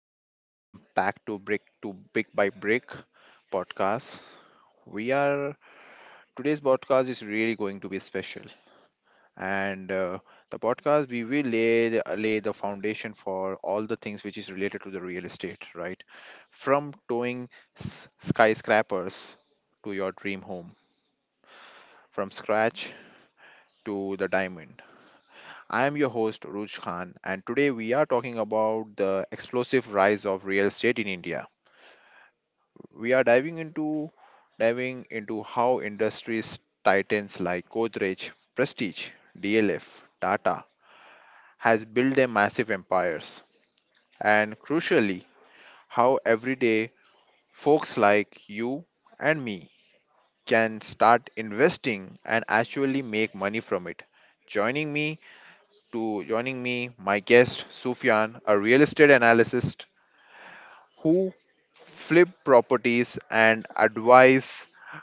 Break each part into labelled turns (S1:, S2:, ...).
S1: everyone. Welcome back to Brick to Big by Brick podcast. We are Today's podcast is really going to be special, and the podcast we will lay the foundation for all the things which is related to the real estate, right? From towing skyscrapers to your dream home, from scratch to the diamond. I am your host Ruj Khan, and today we are talking about the explosive rise of real estate in India. We are diving into how industries titans like Godrej, Prestige, DLF, Tata has built their massive empires, and crucially how everyday folks like you and me can start investing and actually make money from it. Joining me joining me, my guest Sufyan, a real estate analyst who flip properties and advise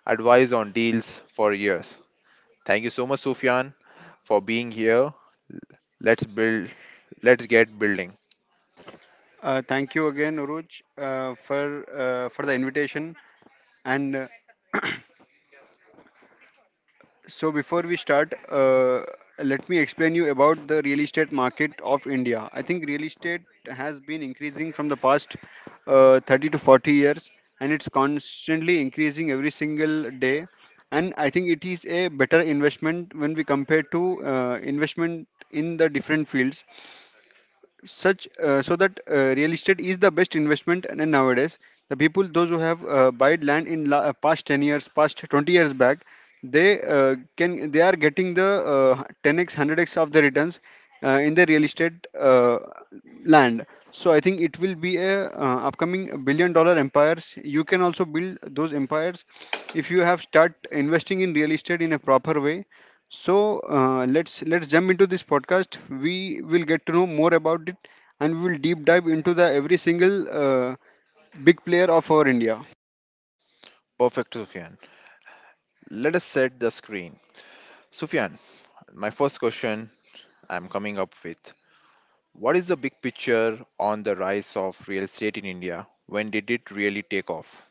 S1: advise on deals for years. Thank you so much, Sufyan, for being here. Let's build let's get building.
S2: Thank you again, Uruj, for the invitation. And so, before we start, let me explain you about the real estate market of India. I think real estate has been increasing from the past 30 to 40 years, and it's constantly increasing every single day. And I think it is a better investment when we compare to investment in the different fields such so that real estate is the best investment, and nowadays the people those who have bought land in past 10 years past 20 years back, they are getting the 10x 100x of the returns in the real estate uh, land. So I think it will be a upcoming billion dollar empires. You can also build those empires if you have start investing in real estate in a proper way. So let's jump into this podcast. We will get to know more about it, and we will deep dive into the every single big player of our India.
S1: Perfect, Sufyan. Let us set the screen. Sufyan, my first question I'm coming up with. What is the big picture on the rise of real estate in India? When did it really take off?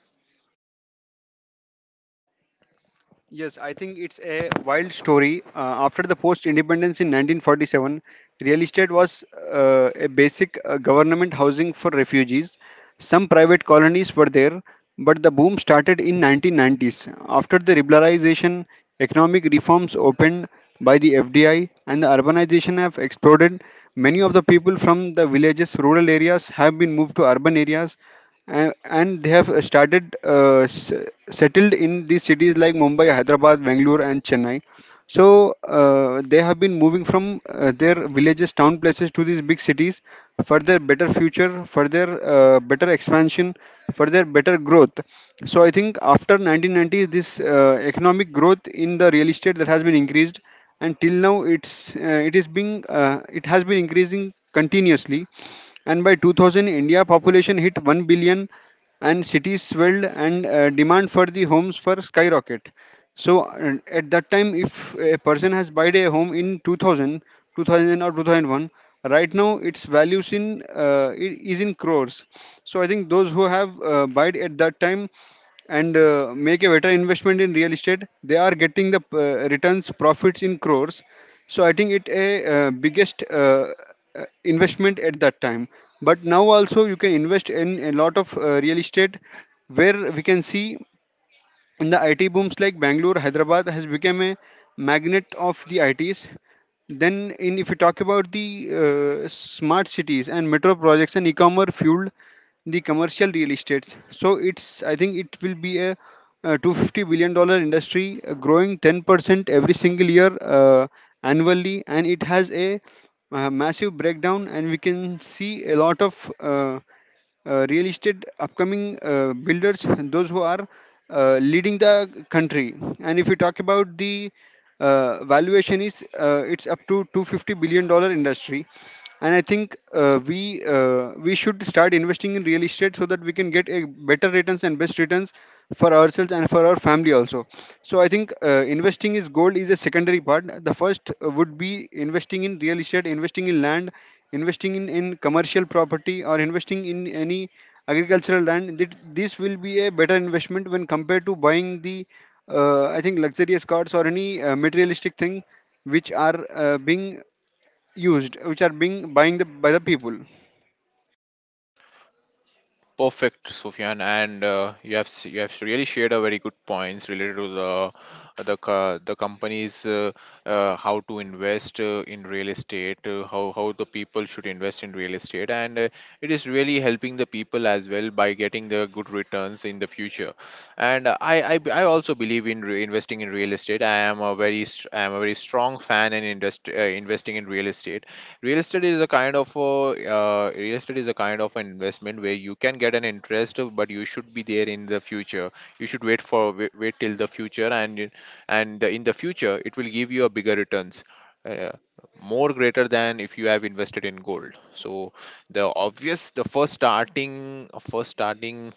S2: Yes, I think it's a wild story. After the post independence in 1947, real estate was a basic government housing for refugees. Some private colonies were there, but the boom started in 1990s. After the liberalization, economic reforms opened by the FDI, and the urbanization have exploded. Many of the people from the villages, rural areas have been moved to urban areas, and they have started settled in these cities like Mumbai, Hyderabad, Bangalore, and Chennai. So they have been moving from their villages, town places to these big cities for their better future, for their better expansion, for their better growth. So I think after 1990s, this economic growth in the real estate that has been increased, and till now it's it is being it has been increasing continuously. And by 2000, India population hit 1 billion, and cities swelled, and demand for the homes for skyrocket. So at that time, if a person has bought a home in 2000 or 2001, right now its values is in crores. So I think those who have bought at that time and make a better investment in real estate, they are getting the returns profits in crores. So I think it a biggest investment at that time. But now also you can invest in a lot of real estate where we can see in the IT booms like Bangalore. Hyderabad has become a magnet of the ITs. Then, in if you talk about the smart cities and metro projects and e-commerce fueled the commercial real estates. So it's I think it will be a, $250 billion industry growing 10% every single year annually, and it has a, massive breakdown, and we can see a lot of real estate upcoming builders, those who are leading the country. And if you talk about the valuation is it's up to $250 billion industry, and I think we should start investing in real estate so that we can get a better returns and best returns for ourselves and for our family also. So I think investing is gold is a secondary part. The first would be investing in real estate, investing in land, investing in commercial property, or investing in any agricultural land, that this will be a better investment when compared to buying the I think luxurious cars or any materialistic thing which are being used which are being buying the by the people.
S1: Perfect, Sufyan, and you have you have really shared a very good points related to the companies, how to invest in real estate, how the people should invest in real estate, and it is really helping the people as well by getting the good returns in the future. And I also believe in investing in real estate. I am a very strong fan in industry, investing in real estate. Real estate is a kind of a, Real estate is a kind of an investment where you can get an interest, but you should be there in the future. You should wait till the future, and in the future it will give you a bigger returns, uh, more greater than if you have invested in gold. So the first starting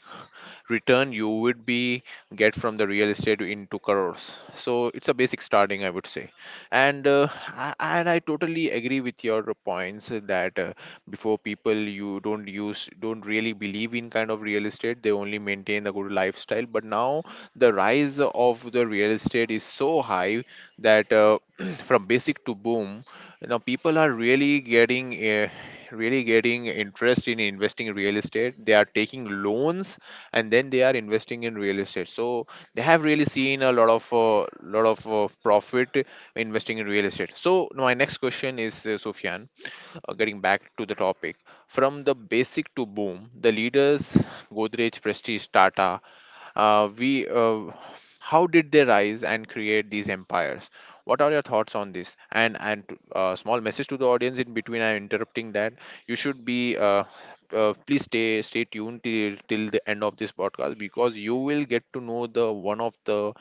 S1: return you would be get from the real estate into crores. So it's a basic starting, I would say. And and I totally agree with your points that, before, people you don't use don't really believe in kind of real estate. They only maintain the good lifestyle. But now the rise of the real estate is so high that, from basic to boom, now people are really getting interest in investing in real estate. They are taking loans, and then they are investing in real estate. So they have really seen a lot of, profit investing in real estate. So my next question is, Sufyan, getting back to the topic, from the basic to boom, the leaders Godrej, Prestige, Tata, we how did they rise and create these empires? What are your thoughts on this? And, small message to the audience in between, I'm interrupting that you should be please stay tuned till the end of this podcast, because you will get to know the one of the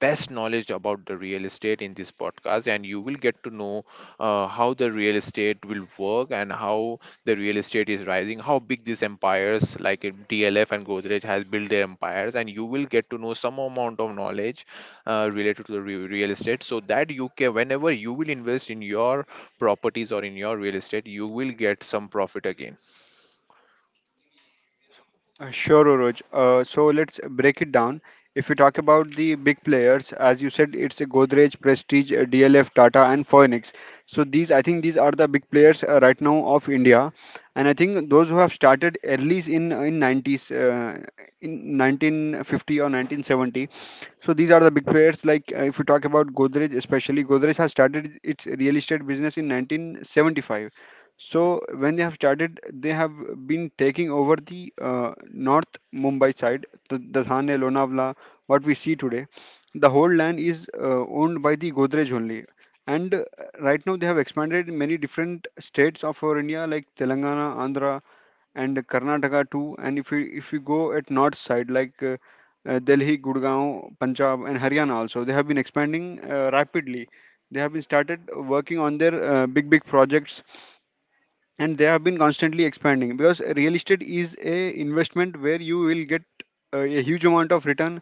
S1: best knowledge about the real estate in this podcast. And you will get to know how the real estate will work, and how the real estate is rising, how big these empires like in DLF and Godrej has built their empires, and you will get to know some amount of knowledge related to the real estate, so that you can, whenever you will invest in your properties or in your real estate, you will get some profit again.
S2: Sure, Oroj. So let's break it down. If we talk about the big players, as you said, it's a Godrej, Prestige, DLF, Tata, and Phoenix. So these I think these are the big players right now of India. And I think those who have started early in 90s, in 1950 or 1970, so these are the big players. Like if we talk about Godrej, especially Godrej has started its real estate business in 1975. So when they have started, they have been taking over the North Mumbai side, the Thane, Lonavala, what we see today. The whole land is owned by the Godrej only. And right now they have expanded in many different states of our India like Telangana, Andhra, and Karnataka too. And if we go at north side like Delhi, Gurgaon, Punjab, and Haryana also, they have been expanding rapidly. They have been started working on their big big projects, and they have been constantly expanding because real estate is a investment where you will get a huge amount of return,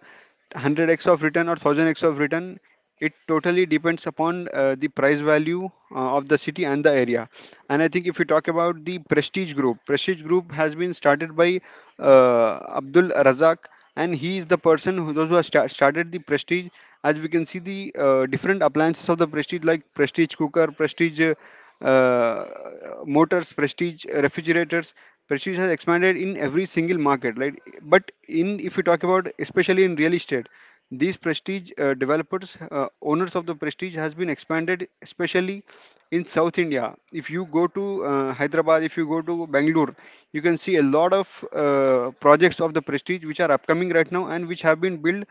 S2: 100x of return or 1000x of return. It totally depends upon the price value of the city and the area. And I think if you talk about the Prestige Group has been started by Abdul Razak, and he is the person who those who have started the Prestige. As we can see the different appliances of the Prestige like Prestige cooker, Prestige uh, motors, Prestige, refrigerators. Prestige has expanded in every single market, right? But in if you talk about especially in real estate, these Prestige developers, owners of the Prestige, has been expanded especially in South India. If you go to Hyderabad, if you go to Bangalore, you can see a lot of projects of the Prestige which are upcoming right now and which have been built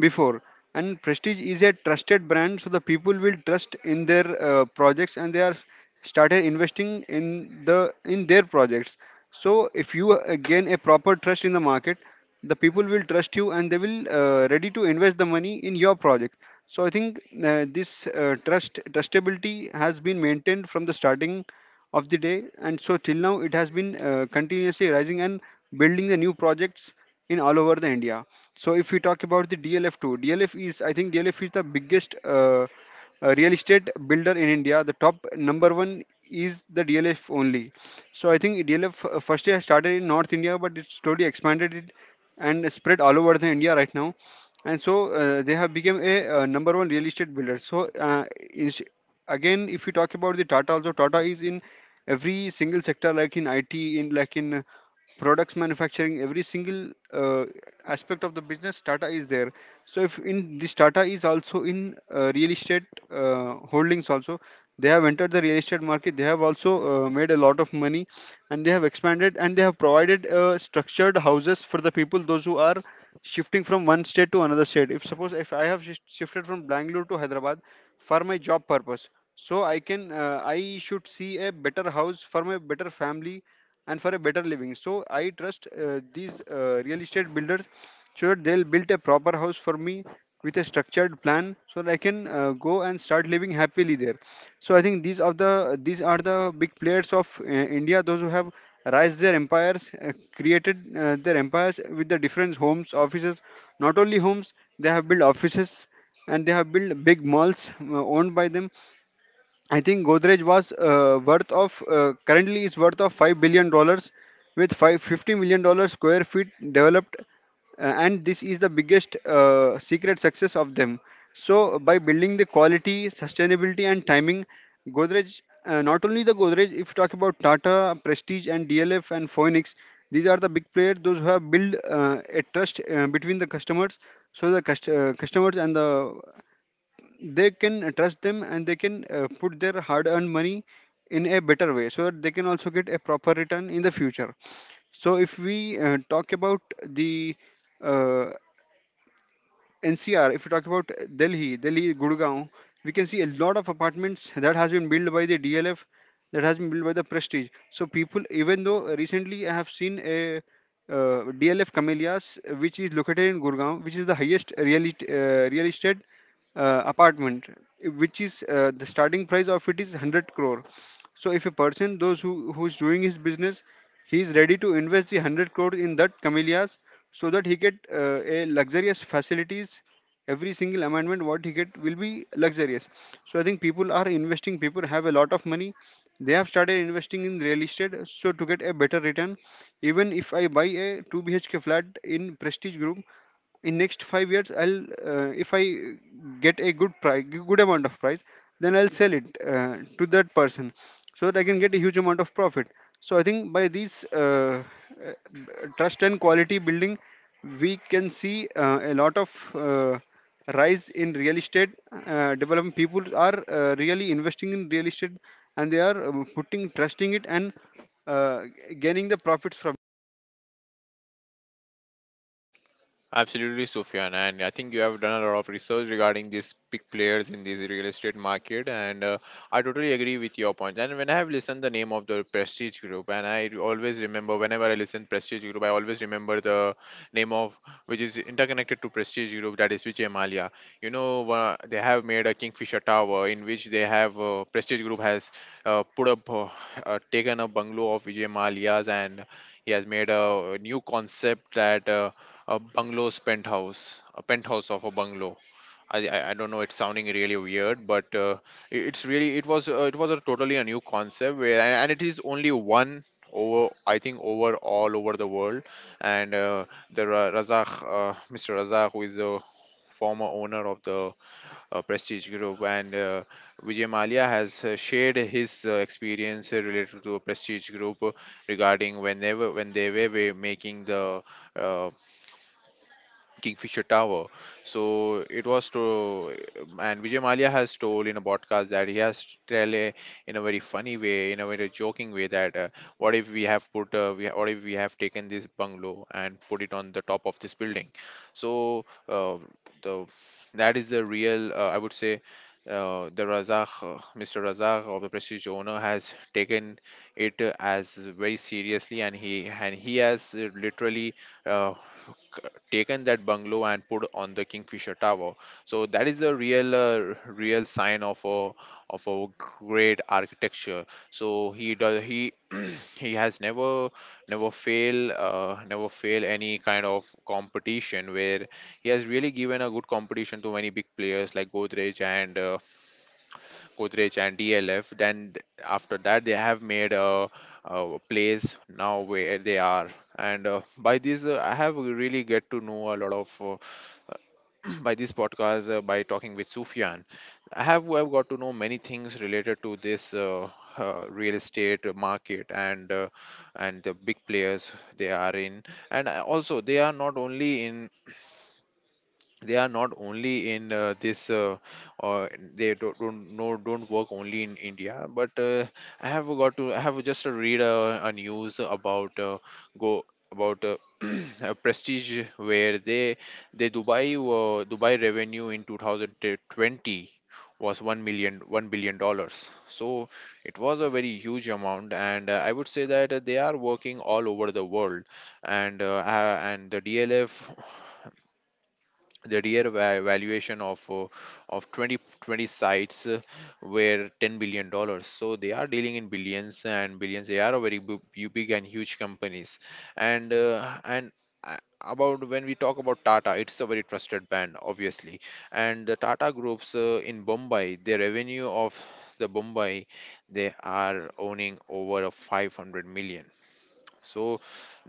S2: before, and Prestige is a trusted brand, so the people will trust in their projects, and they are started investing in their projects. So if you gain a proper trust in the market, the people will trust you, and they will ready to invest the money in your project. So I think this trust trustability has been maintained from the starting of the day, and so till now it has been continuously rising and building the new projects in all over the India. So if we talk about the DLF2, DLF is, I think, DLF is the biggest a real estate builder in India. The top number one is the DLF only. So I think DLF first year started in North India, but it slowly expanded it and spread all over the India right now. And so they have become a number one real estate builder. Is, Again, if you talk about the Tata, also Tata is in every single sector, like in IT, in like in products manufacturing every single aspect of the business Tata is there. So if in this Tata is also in real estate holdings also. They have entered the real estate market. They have also made a lot of money, and they have expanded, and they have provided structured houses for the people those who are shifting from one state to another state. If suppose if I have shifted from Bangalore to Hyderabad for my job purpose, so I should see a better house for my better family and for a better living. So I trust these real estate builders so that they'll build a proper house for me with a structured plan so that I can go and start living happily there. So I think these are the big players of India, those who have raised their empires, created their empires with the different homes, offices. Not only homes, they have built offices, and they have built big malls owned by them. I think Godrej was worth of currently is worth of $5 billion, with $550 million square feet developed, and this is the biggest secret success of them. So by building the quality, sustainability, and timing, Godrej, not only the Godrej. If you talk about Tata, Prestige, and DLF and Phoenix, these are the big players. Those who have built a trust between the customers, so the customers and the they can trust them, and they can put their hard earned money in a better way so that they can also get a proper return in the future. So if we talk about the uh, NCR, if you talk about Delhi, Delhi, Gurgaon, we can see a lot of apartments that has been built by the DLF, that has been built by the Prestige. So people, even though recently I have seen a DLF Camellias, which is located in Gurgaon, which is the highest real estate apartment, which is the starting price of it is 100 crore. So if a person those who who's doing his business, he is ready to invest the 100 crore in that camellias so that he get a luxurious facilities. Every single amendment what he get will be luxurious. So I think people are investing. People have a lot of money. They have started investing in real estate so to get a better return. Even if I buy a two BHK flat in Prestige Group, in next 5 years I'll, if I get a good price good amount of price, then I'll sell it to that person so that I can get a huge amount of profit. So I think by these uh, trust and quality building, we can see a lot of rise in real estate development. People are really investing in real estate, and they are putting trusting it and uh, gaining the profits from.
S1: Absolutely, Sufyan, and I think you have done a lot of research regarding these big players in this real estate market, and I totally agree with your point. And when I have listened the name of the Prestige Group, and I always remember whenever I listen Prestige Group, I always remember the name of which is interconnected to Prestige Group, that is Vijay Malia. You know, they have made a Kingfisher Tower in which they have, Prestige Group has, put up, taken a bungalow of Vijay Malia's, and he has made a new concept that. A bungalow's penthouse, a penthouse of a bungalow. I don't know. It's sounding really weird, but it's really, it was, it was a totally a new concept where, and it is only one over, I think, over all over the world. And Razak, Mr. Razak, who is the former owner of the Prestige Group, and Vijay Malia has shared his experience related to Prestige Group, regarding whenever when they were making the uh, Kingfisher Tower. So it was to, and Vijay Malia has told in a podcast that he has tell a, in a very funny way, in a very joking way that, what if we have put, what if we have taken this bungalow and put it on the top of this building. So the that is the real, I would say. The Razak, Mr. Razak of the Prestige owner has taken it, as very seriously, and he has literally uh, taken that bungalow and put on the Kingfisher Tower. So that is a real, real sign of a great architecture. So he he has never fail any kind of competition, where he has really given a good competition to many big players like Godrej and DLF. Then after that, they have made a place now where they are. And by this, I have really get to know a lot of, by this podcast, by talking with Sufyan. I've got to know many things related to this, real estate market, and the big players they are in. And, also, they are not only in, they are not only in this or they don't work only in India. But I have got to, I have just read a news about, go about a Prestige where they, Dubai revenue in 2020 was one million one billion dollars. So it was a very huge amount, and I would say that they are working all over the world. And the DLF, the real valuation of, of 2020 sites, were $10 billion. So they are dealing in billions and billions. They are a very big and huge companies. And uh, about, when we talk about Tata, it's a very trusted brand, obviously. And the Tata groups, in Bombay, the revenue of the bombay they are owning over a 500 million. So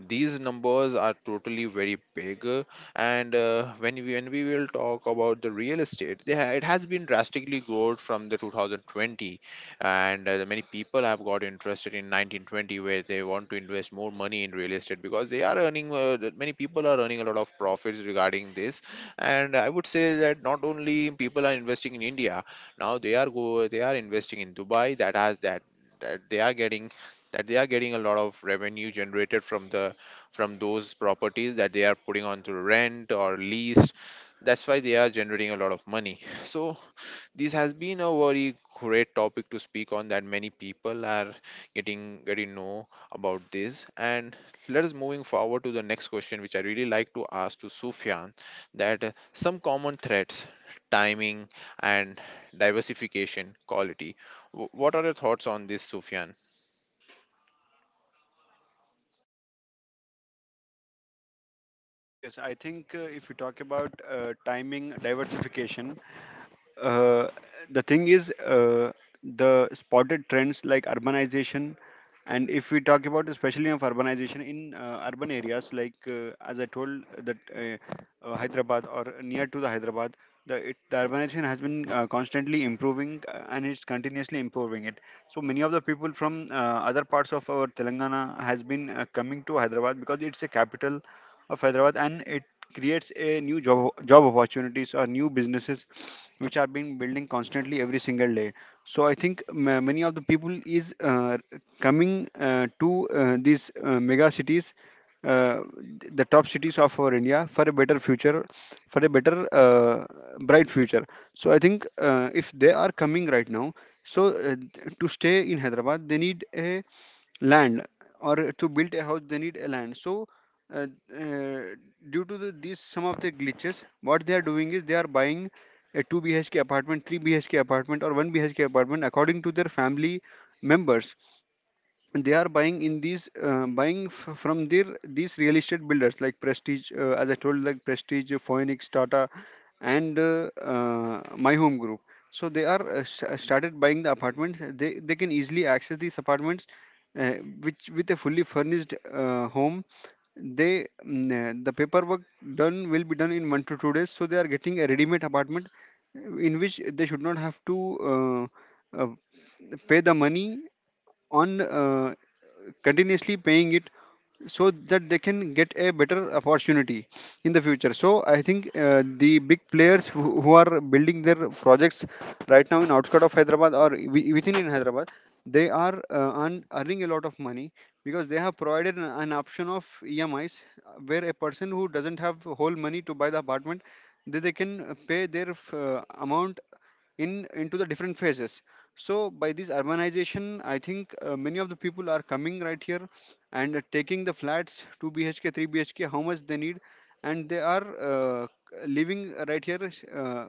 S1: these numbers are totally very big, and when we will talk about the real estate, they, it has been drastically growth from the 2020. And the many people have got interested in 1920, where they want to invest more money in real estate because they are earning, that many people are earning a lot of profits regarding this. And I would say that not only people are investing in India, now they are go they are investing in Dubai. That they are getting, a lot of revenue generated from, the from those properties that they are putting on to rent or lease. That's why they are generating a lot of money. So this has been a very great topic to speak on. That many people are getting know about this. And let us moving forward to the next question, which I really like to ask to Sufyan, that, some common threats: timing, and diversification, quality. What are your thoughts on this, Sufyan?
S2: Yes, yes. I think if you talk about timing diversification, uh, the thing is the spotted trends like urbanization, and if we talk about especially of urbanization in urban areas, like as I told that Hyderabad or near to the Hyderabad, the urbanization has been constantly improving and it's continuously improving it. So many of the people from other parts of our Telangana has been coming to Hyderabad because it's a capital of Hyderabad, and it creates a new job opportunities or new businesses which are being building constantly every single day. So I think ma many of the people is coming to these mega cities. Uh, the top cities of our India for a better future, for a better bright future. So I think if they are coming right now, so to stay in Hyderabad, they need a land, or to build a house they need a land. So uh, uh, due to these some of the glitches what they are doing is they are buying a 2 bhk apartment, 3 bhk apartment, or 1 bhk apartment according to their family members. They are buying in these from their these real estate builders like Prestige, as I told, like Prestige, Phoenix, Tata, and My Home Group. So they are started buying the apartments. They can easily access these apartments uh, which with a fully furnished home. They the paperwork done will be done in 1 to 2 days, so they are getting a ready-made apartment in which they should not have to uh, uh, pay the money on continuously paying it, so that they can get a better opportunity in the future. So I think the big players who are building their projects right now in outskirts of Hyderabad or within in Hyderabad, they are earning a lot of money because they have provided an option of EMIs, where a person who doesn't have whole money to buy the apartment, they can pay their amount in into the different phases. So by this urbanization, I think many of the people are coming right here, and taking the flats, 2 bhk, 3 bhk, how much they need, and they are uh, living right here.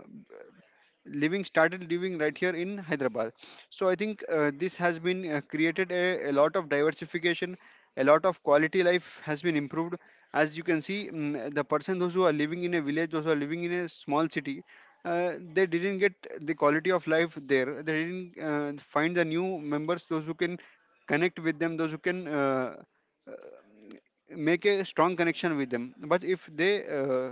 S2: Living Started living right here in Hyderabad. So I think this has been created a lot of diversification. A lot of quality life has been improved. As you can see, the person those who are living in a village, those who are living in a small city, they didn't get the quality of life there. They didn't find the new members those who can connect with them, those who can make a strong connection with them. But if they uh,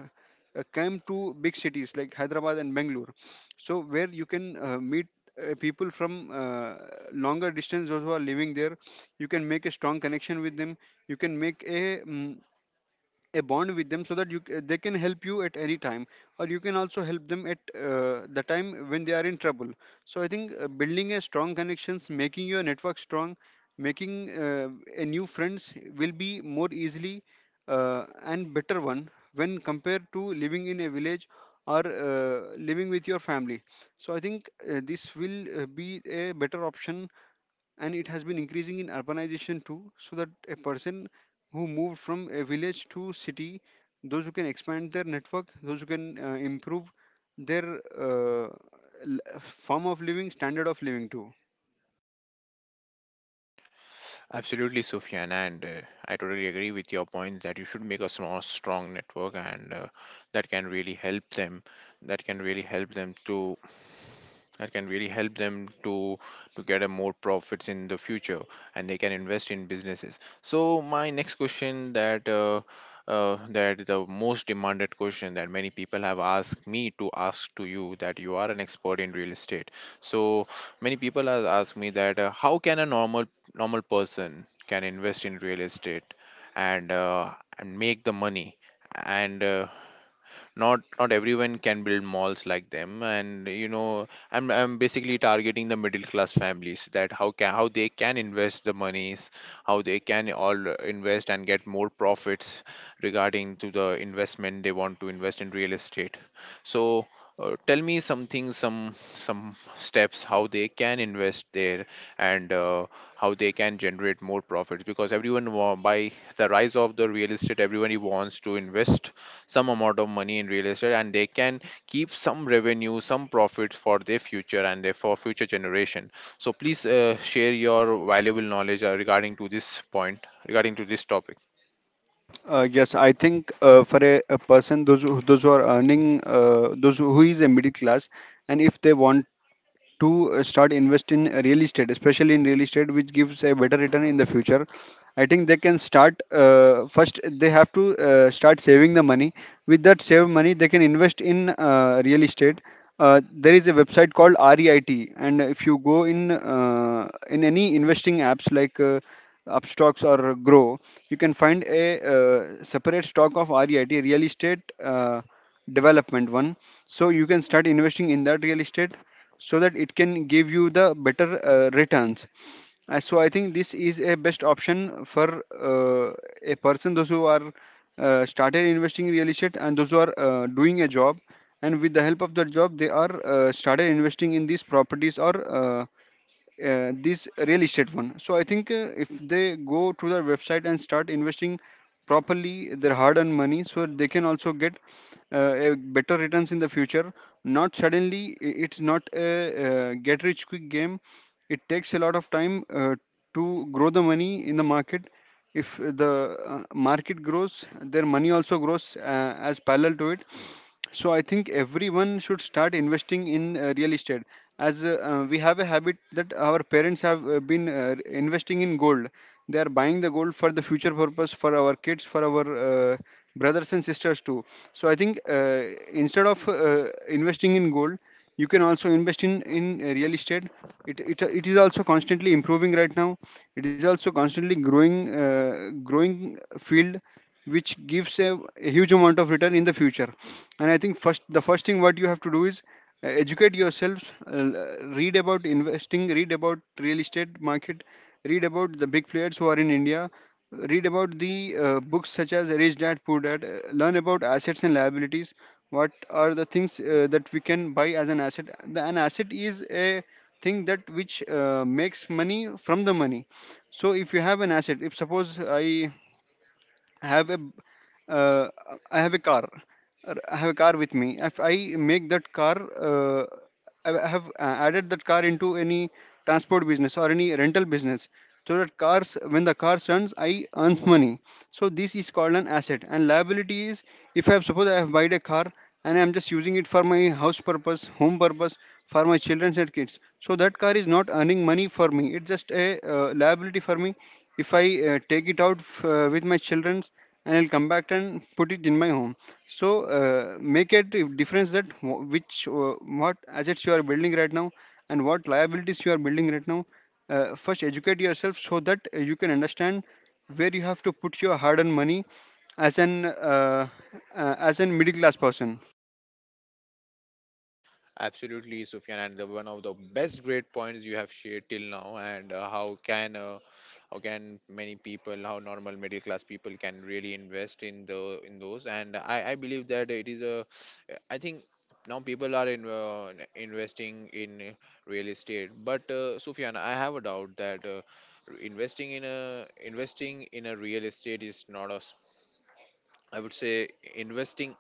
S2: uh, come to big cities like Hyderabad and Bangalore, so where you can meet people from longer distance those who are living there, you can make a strong connection with them. You can make a mm a bond with them so that they can help you at any time, or you can also help them at the time when they are in trouble. So I think building a strong connections, making your network strong, making a new friends will be more easily and better one when compared to living in a village or living with your family. So I think this will be a better option, and it has been increasing in urbanization too, so that a person who moved from a village to city, those who can expand their network, those who can improve their form of living, standard of living too.
S1: Absolutely, Sufyan, and I totally agree with your point that you should make a small, strong network, and that can really help them. That can really help them to that can really help them to get a more profits in the future, and they can invest in businesses. So my next question, that that the most demanded question that many people have asked me to ask to you, that you are an expert in real estate, so many people have asked me that how can a normal person can invest in real estate, and uh, and make the money, and not everyone can build malls like them. And you know, I'm basically targeting the middle class families, that how can how they can invest the monies, how they can all invest and get more profits regarding to the investment they want to invest in real estate. So tell me something, some steps how they can invest there, and how they can generate more profits, because by the rise of the real estate everyone wants to invest some amount of money in real estate, and they can keep some revenue, some profits for their future and their for future generation. So please share your valuable knowledge regarding to this point, regarding to this topic.
S2: Yes, I think for a person those who are earning, those who is a middle class, and if they want to start invest in real estate, especially in real estate which gives a better return in the future, I think they can start first they have to start saving the money. With that saved money they can invest in real estate. There is a website called REIT, and if you go in any investing apps like Upstocks or Grow, you can find a separate stock of REIT, real estate development one. So you can start investing in that real estate so that it can give you the better returns. So I think this is a best option for uh, a person those who are started investing in real estate, and those who are doing a job, and with the help of the job they are started investing in these properties or uh, this real estate one. So I think if they go to their website and start investing properly their hard-earned money, so they can also get a better returns in the future. Not suddenly, it's not a get-rich-quick game. It takes a lot of time to grow the money in the market. If the market grows, their money also grows as parallel to it. So I think everyone should start investing in real estate. As we have a habit that our parents have been investing in gold. They are buying the gold for the future purpose, for our kids, for our brothers and sisters too. So I think instead of investing in gold, you can also invest in real estate. It is also constantly improving right now. It is also constantly growing, growing field, which gives a huge amount of return in the future. And I think first the first thing what you have to do is educate yourselves. Read about investing, read about real estate market, read about the big players who are in India. Read about the books such as Rich Dad Poor Dad. Learn about assets and liabilities. What are the things that we can buy as an asset? An asset is a thing that which makes money from the money. So if you have an asset, if suppose I have a b- uh, I have a car, or I have a car with me. If I make that car, I have added that car into any transport business or any rental business, so that cars, when the car runs, I earn money. So this is called an asset. And liability is, if I have, suppose I have bought a car, and I am just using it for my house purpose, home purpose, for my children and kids. So that car is not earning money for me. It's just a liability for me. If I take it out with my children and I'll come back and put it in my home. So make it a difference that wh- which what assets you are building right now, and what liabilities you are building right now. First educate yourself so that you can understand where you have to put your hard-earned money as an as a middle class person.
S1: Absolutely, Sufyan, and the, one of the best great points you have shared till now. And how can many people, how normal middle class people can really invest in the in those, and I believe that it is a, I think now people are in, investing in real estate. But Sufyan, I have a doubt that investing in a real estate is not a I would say investing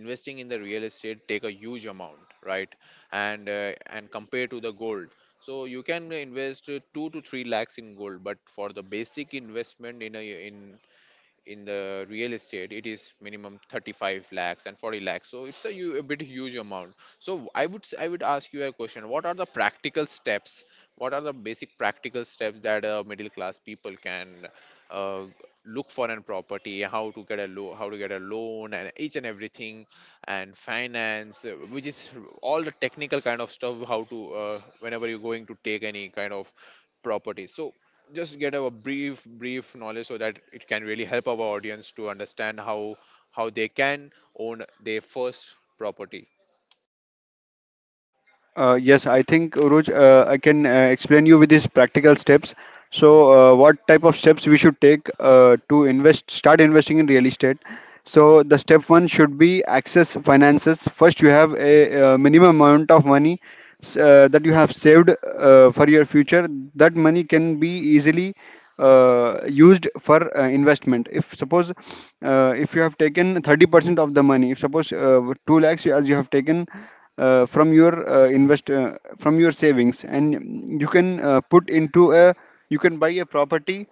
S1: in the real estate take a huge amount, right? And compare to the gold, so you can invest 2 to 3 lakhs in gold, but for the basic investment in a in the real estate it is minimum 35 lakhs and 40 lakhs, so it's a, a bit huge amount. So I would ask you a question, what are the practical steps, what are the basic practical steps that middle class people can uh, look for in property, how to get a how to get a loan and each and everything, and finance, which is all the technical kind of stuff, how to whenever you're going to take any kind of property. So just get a brief knowledge so that it can really help our audience to understand how they can own their first property.
S2: Yes, I think Uruj, I can explain you with these practical steps. So, what type of steps we should take to invest, start investing in real estate? So, the step one should be access finances. First, you have a, minimum amount of money that you have saved for your future. That money can be easily used for investment. If suppose if you have taken 30% of the money, if suppose 2 lakhs as you have taken from your savings, and you can put into a you can buy a property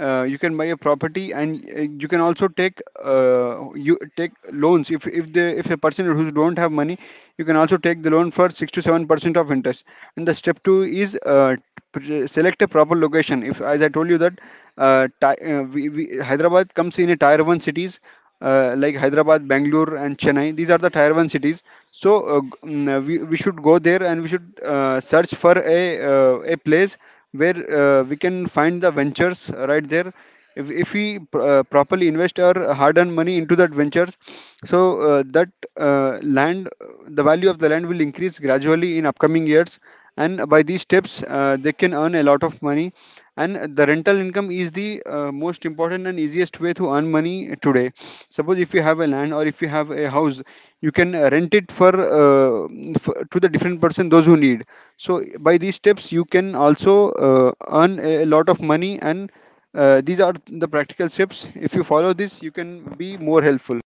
S2: you can buy a property and you can also take you take loans if a person who don't have money, you can also take the loan for 6 to 7% of interest. And the step 2 is select a proper location, if as I told you that Hyderabad comes in a tier 1 cities, like Hyderabad, Bangalore, and Chennai. These are the tier one cities. So we should go there and we should search for a place where we can find the ventures right there. If we properly invest our hard-earned money into that ventures, so that land, the value of the land will increase gradually in upcoming years, and by these steps, they can earn a lot of money. And the rental income is the most important and easiest way to earn money today. Suppose if you have a land or if you have a house, you can rent it for, f to the different person those who need. So by these steps, you can also earn a lot of money. And these are the practical steps. If you follow this, you can be more helpful.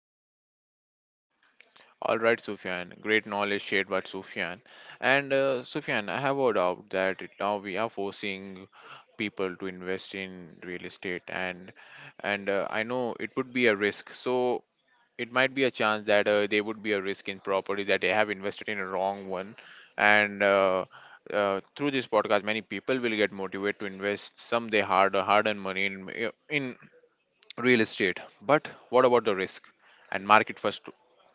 S1: All right, Sufyan, great knowledge shared by Sufyan. And Sufyan, I have a doubt that now we are forcing people to invest in real estate, and and I know it would be a risk, so it might be a chance that there would be a risk in property, that they have invested in a wrong one. And through this podcast many people will get motivated to invest some they hard earned money in in real estate. But what about the risk and market first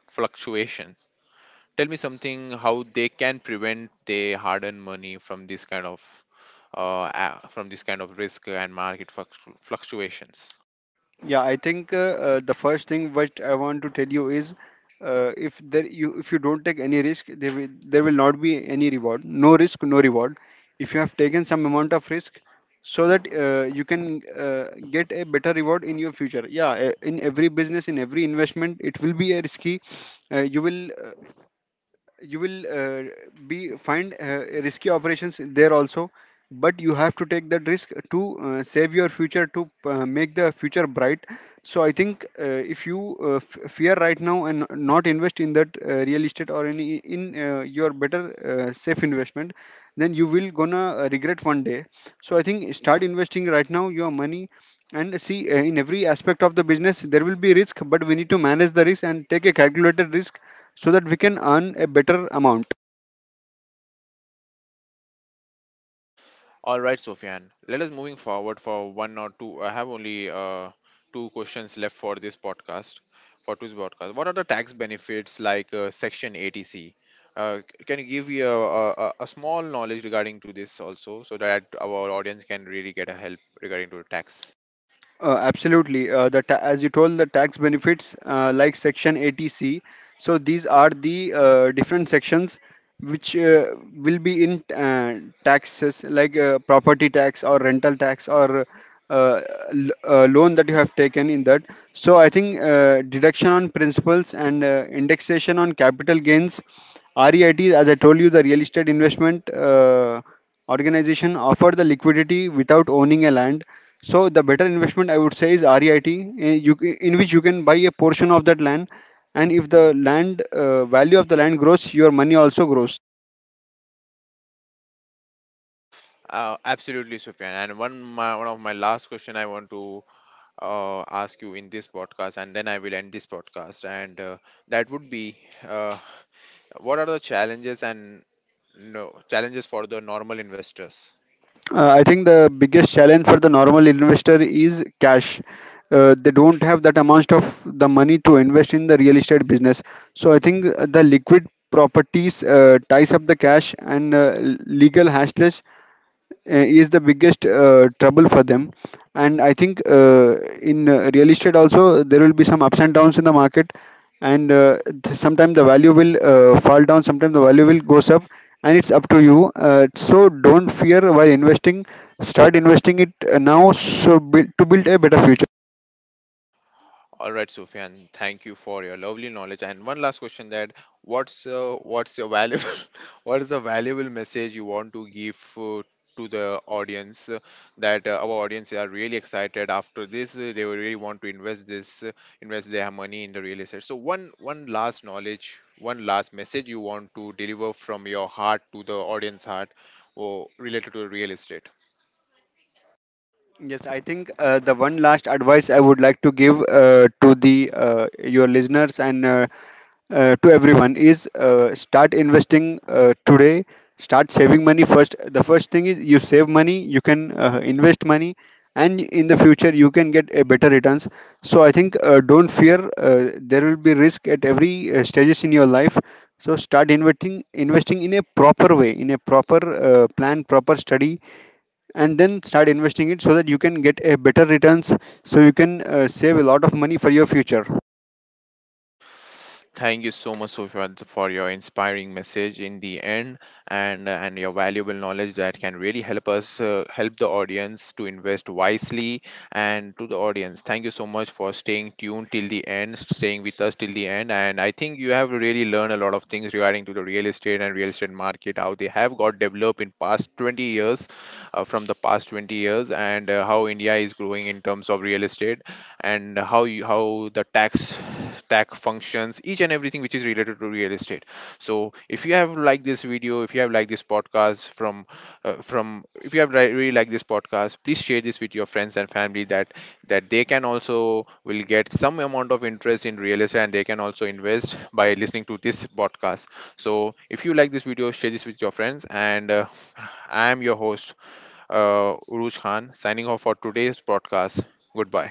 S1: fluctuation? Tell me something, how they can prevent their hard earned money from this kind of from this kind of risk and market fluctuations.
S2: Yeah, I think the first thing what I want to tell you is if you don't take any risk, there will not be any reward. No risk, no reward. If you have taken some amount of risk, so that you can get a better reward in your future. Yeah, in every business, in every investment, it will be a risky. Uh, you will. uh, you will be find risky operations there also, but you have to take that risk to save your future, to make the future bright. So I think if you fear right now and not invest in that real estate or any in your better safe investment, then you will gonna regret one day. So I think start investing right now your money, and see in every aspect of the business there will be risk, but we need to manage the risk and take a calculated risk so that we can earn a better amount.
S1: All right, Sofyan. Let us moving forward for one or two. I have only two questions left for this podcast, for today's podcast. What are the tax benefits like Section 80C? Can you give me a, a small knowledge regarding to this also, so that our audience can really get a help regarding to tax?
S2: Absolutely. As you told, the tax benefits like Section 80C. So these are the different sections which will be in taxes like property tax or rental tax or uh, loan that you have taken in that. So I think deduction on principals and indexation on capital gains, REITs, as I told you, the real estate investment. Organization offer the liquidity without owning a land. So the better investment I would say is REIT, in which you can buy a portion of that land, and if the land value of the land grows, your money also grows.
S1: Absolutely, Sufyan. And one my, one of my last question I want to ask you in this podcast, and then I will end this podcast. And That would be, uh, what are the challenges and no, challenges for the normal investors.
S2: I think the biggest challenge for the normal investor is cash. They don't have that amount of the money to invest in the real estate business. So I think the liquid properties ties up the cash and legal hassles is the biggest trouble for them. And I think in real estate also there will be some ups and downs in the market, and sometimes the value will fall down, sometimes the value will goes up, and it's up to you. So don't fear while investing, start investing it now, so build, to build a better future.
S1: All right, Sufyan, thank you for your lovely knowledge. And one last question, that what's your valuable what is the valuable message you want to give to the audience, that our audience are really excited. After this they will really want to invest this, invest their money in the real estate. So one last knowledge, one last message you want to deliver from your heart to the audience heart, or related to real estate.
S2: Yes, I think the one last advice I would like to give to the your listeners and to everyone is start investing today. Start saving money first, the first thing is you save money, you can invest money, and in the future you can get a better returns. So I think don't fear, there will be risk at every stages in your life. So start investing, in a proper way, in a proper plan, proper study, and then start investing it so that you can get a better returns, so you can save a lot of money for your future.
S1: Thank you so much, Sufyan, for your inspiring message in the end, and your valuable knowledge that can really help us help the audience to invest wisely. And to the audience, thank you so much for staying tuned till the end, staying with us till the end. And I think you have really learned a lot of things regarding to the real estate and real estate market, how they have got developed in past 20 years, from the past 20 years, and how India is growing in terms of real estate, and how you, how the tax tax functions, each and everything which is related to real estate. So if you have liked this video, if you have liked this podcast from if you have really liked this podcast, please share this with your friends and family, that that they can also will get some amount of interest in real estate, and they can also invest by listening to this podcast. So if you like this video, share this with your friends. And I am your host, Uruj Khan, signing off for today's podcast. Goodbye.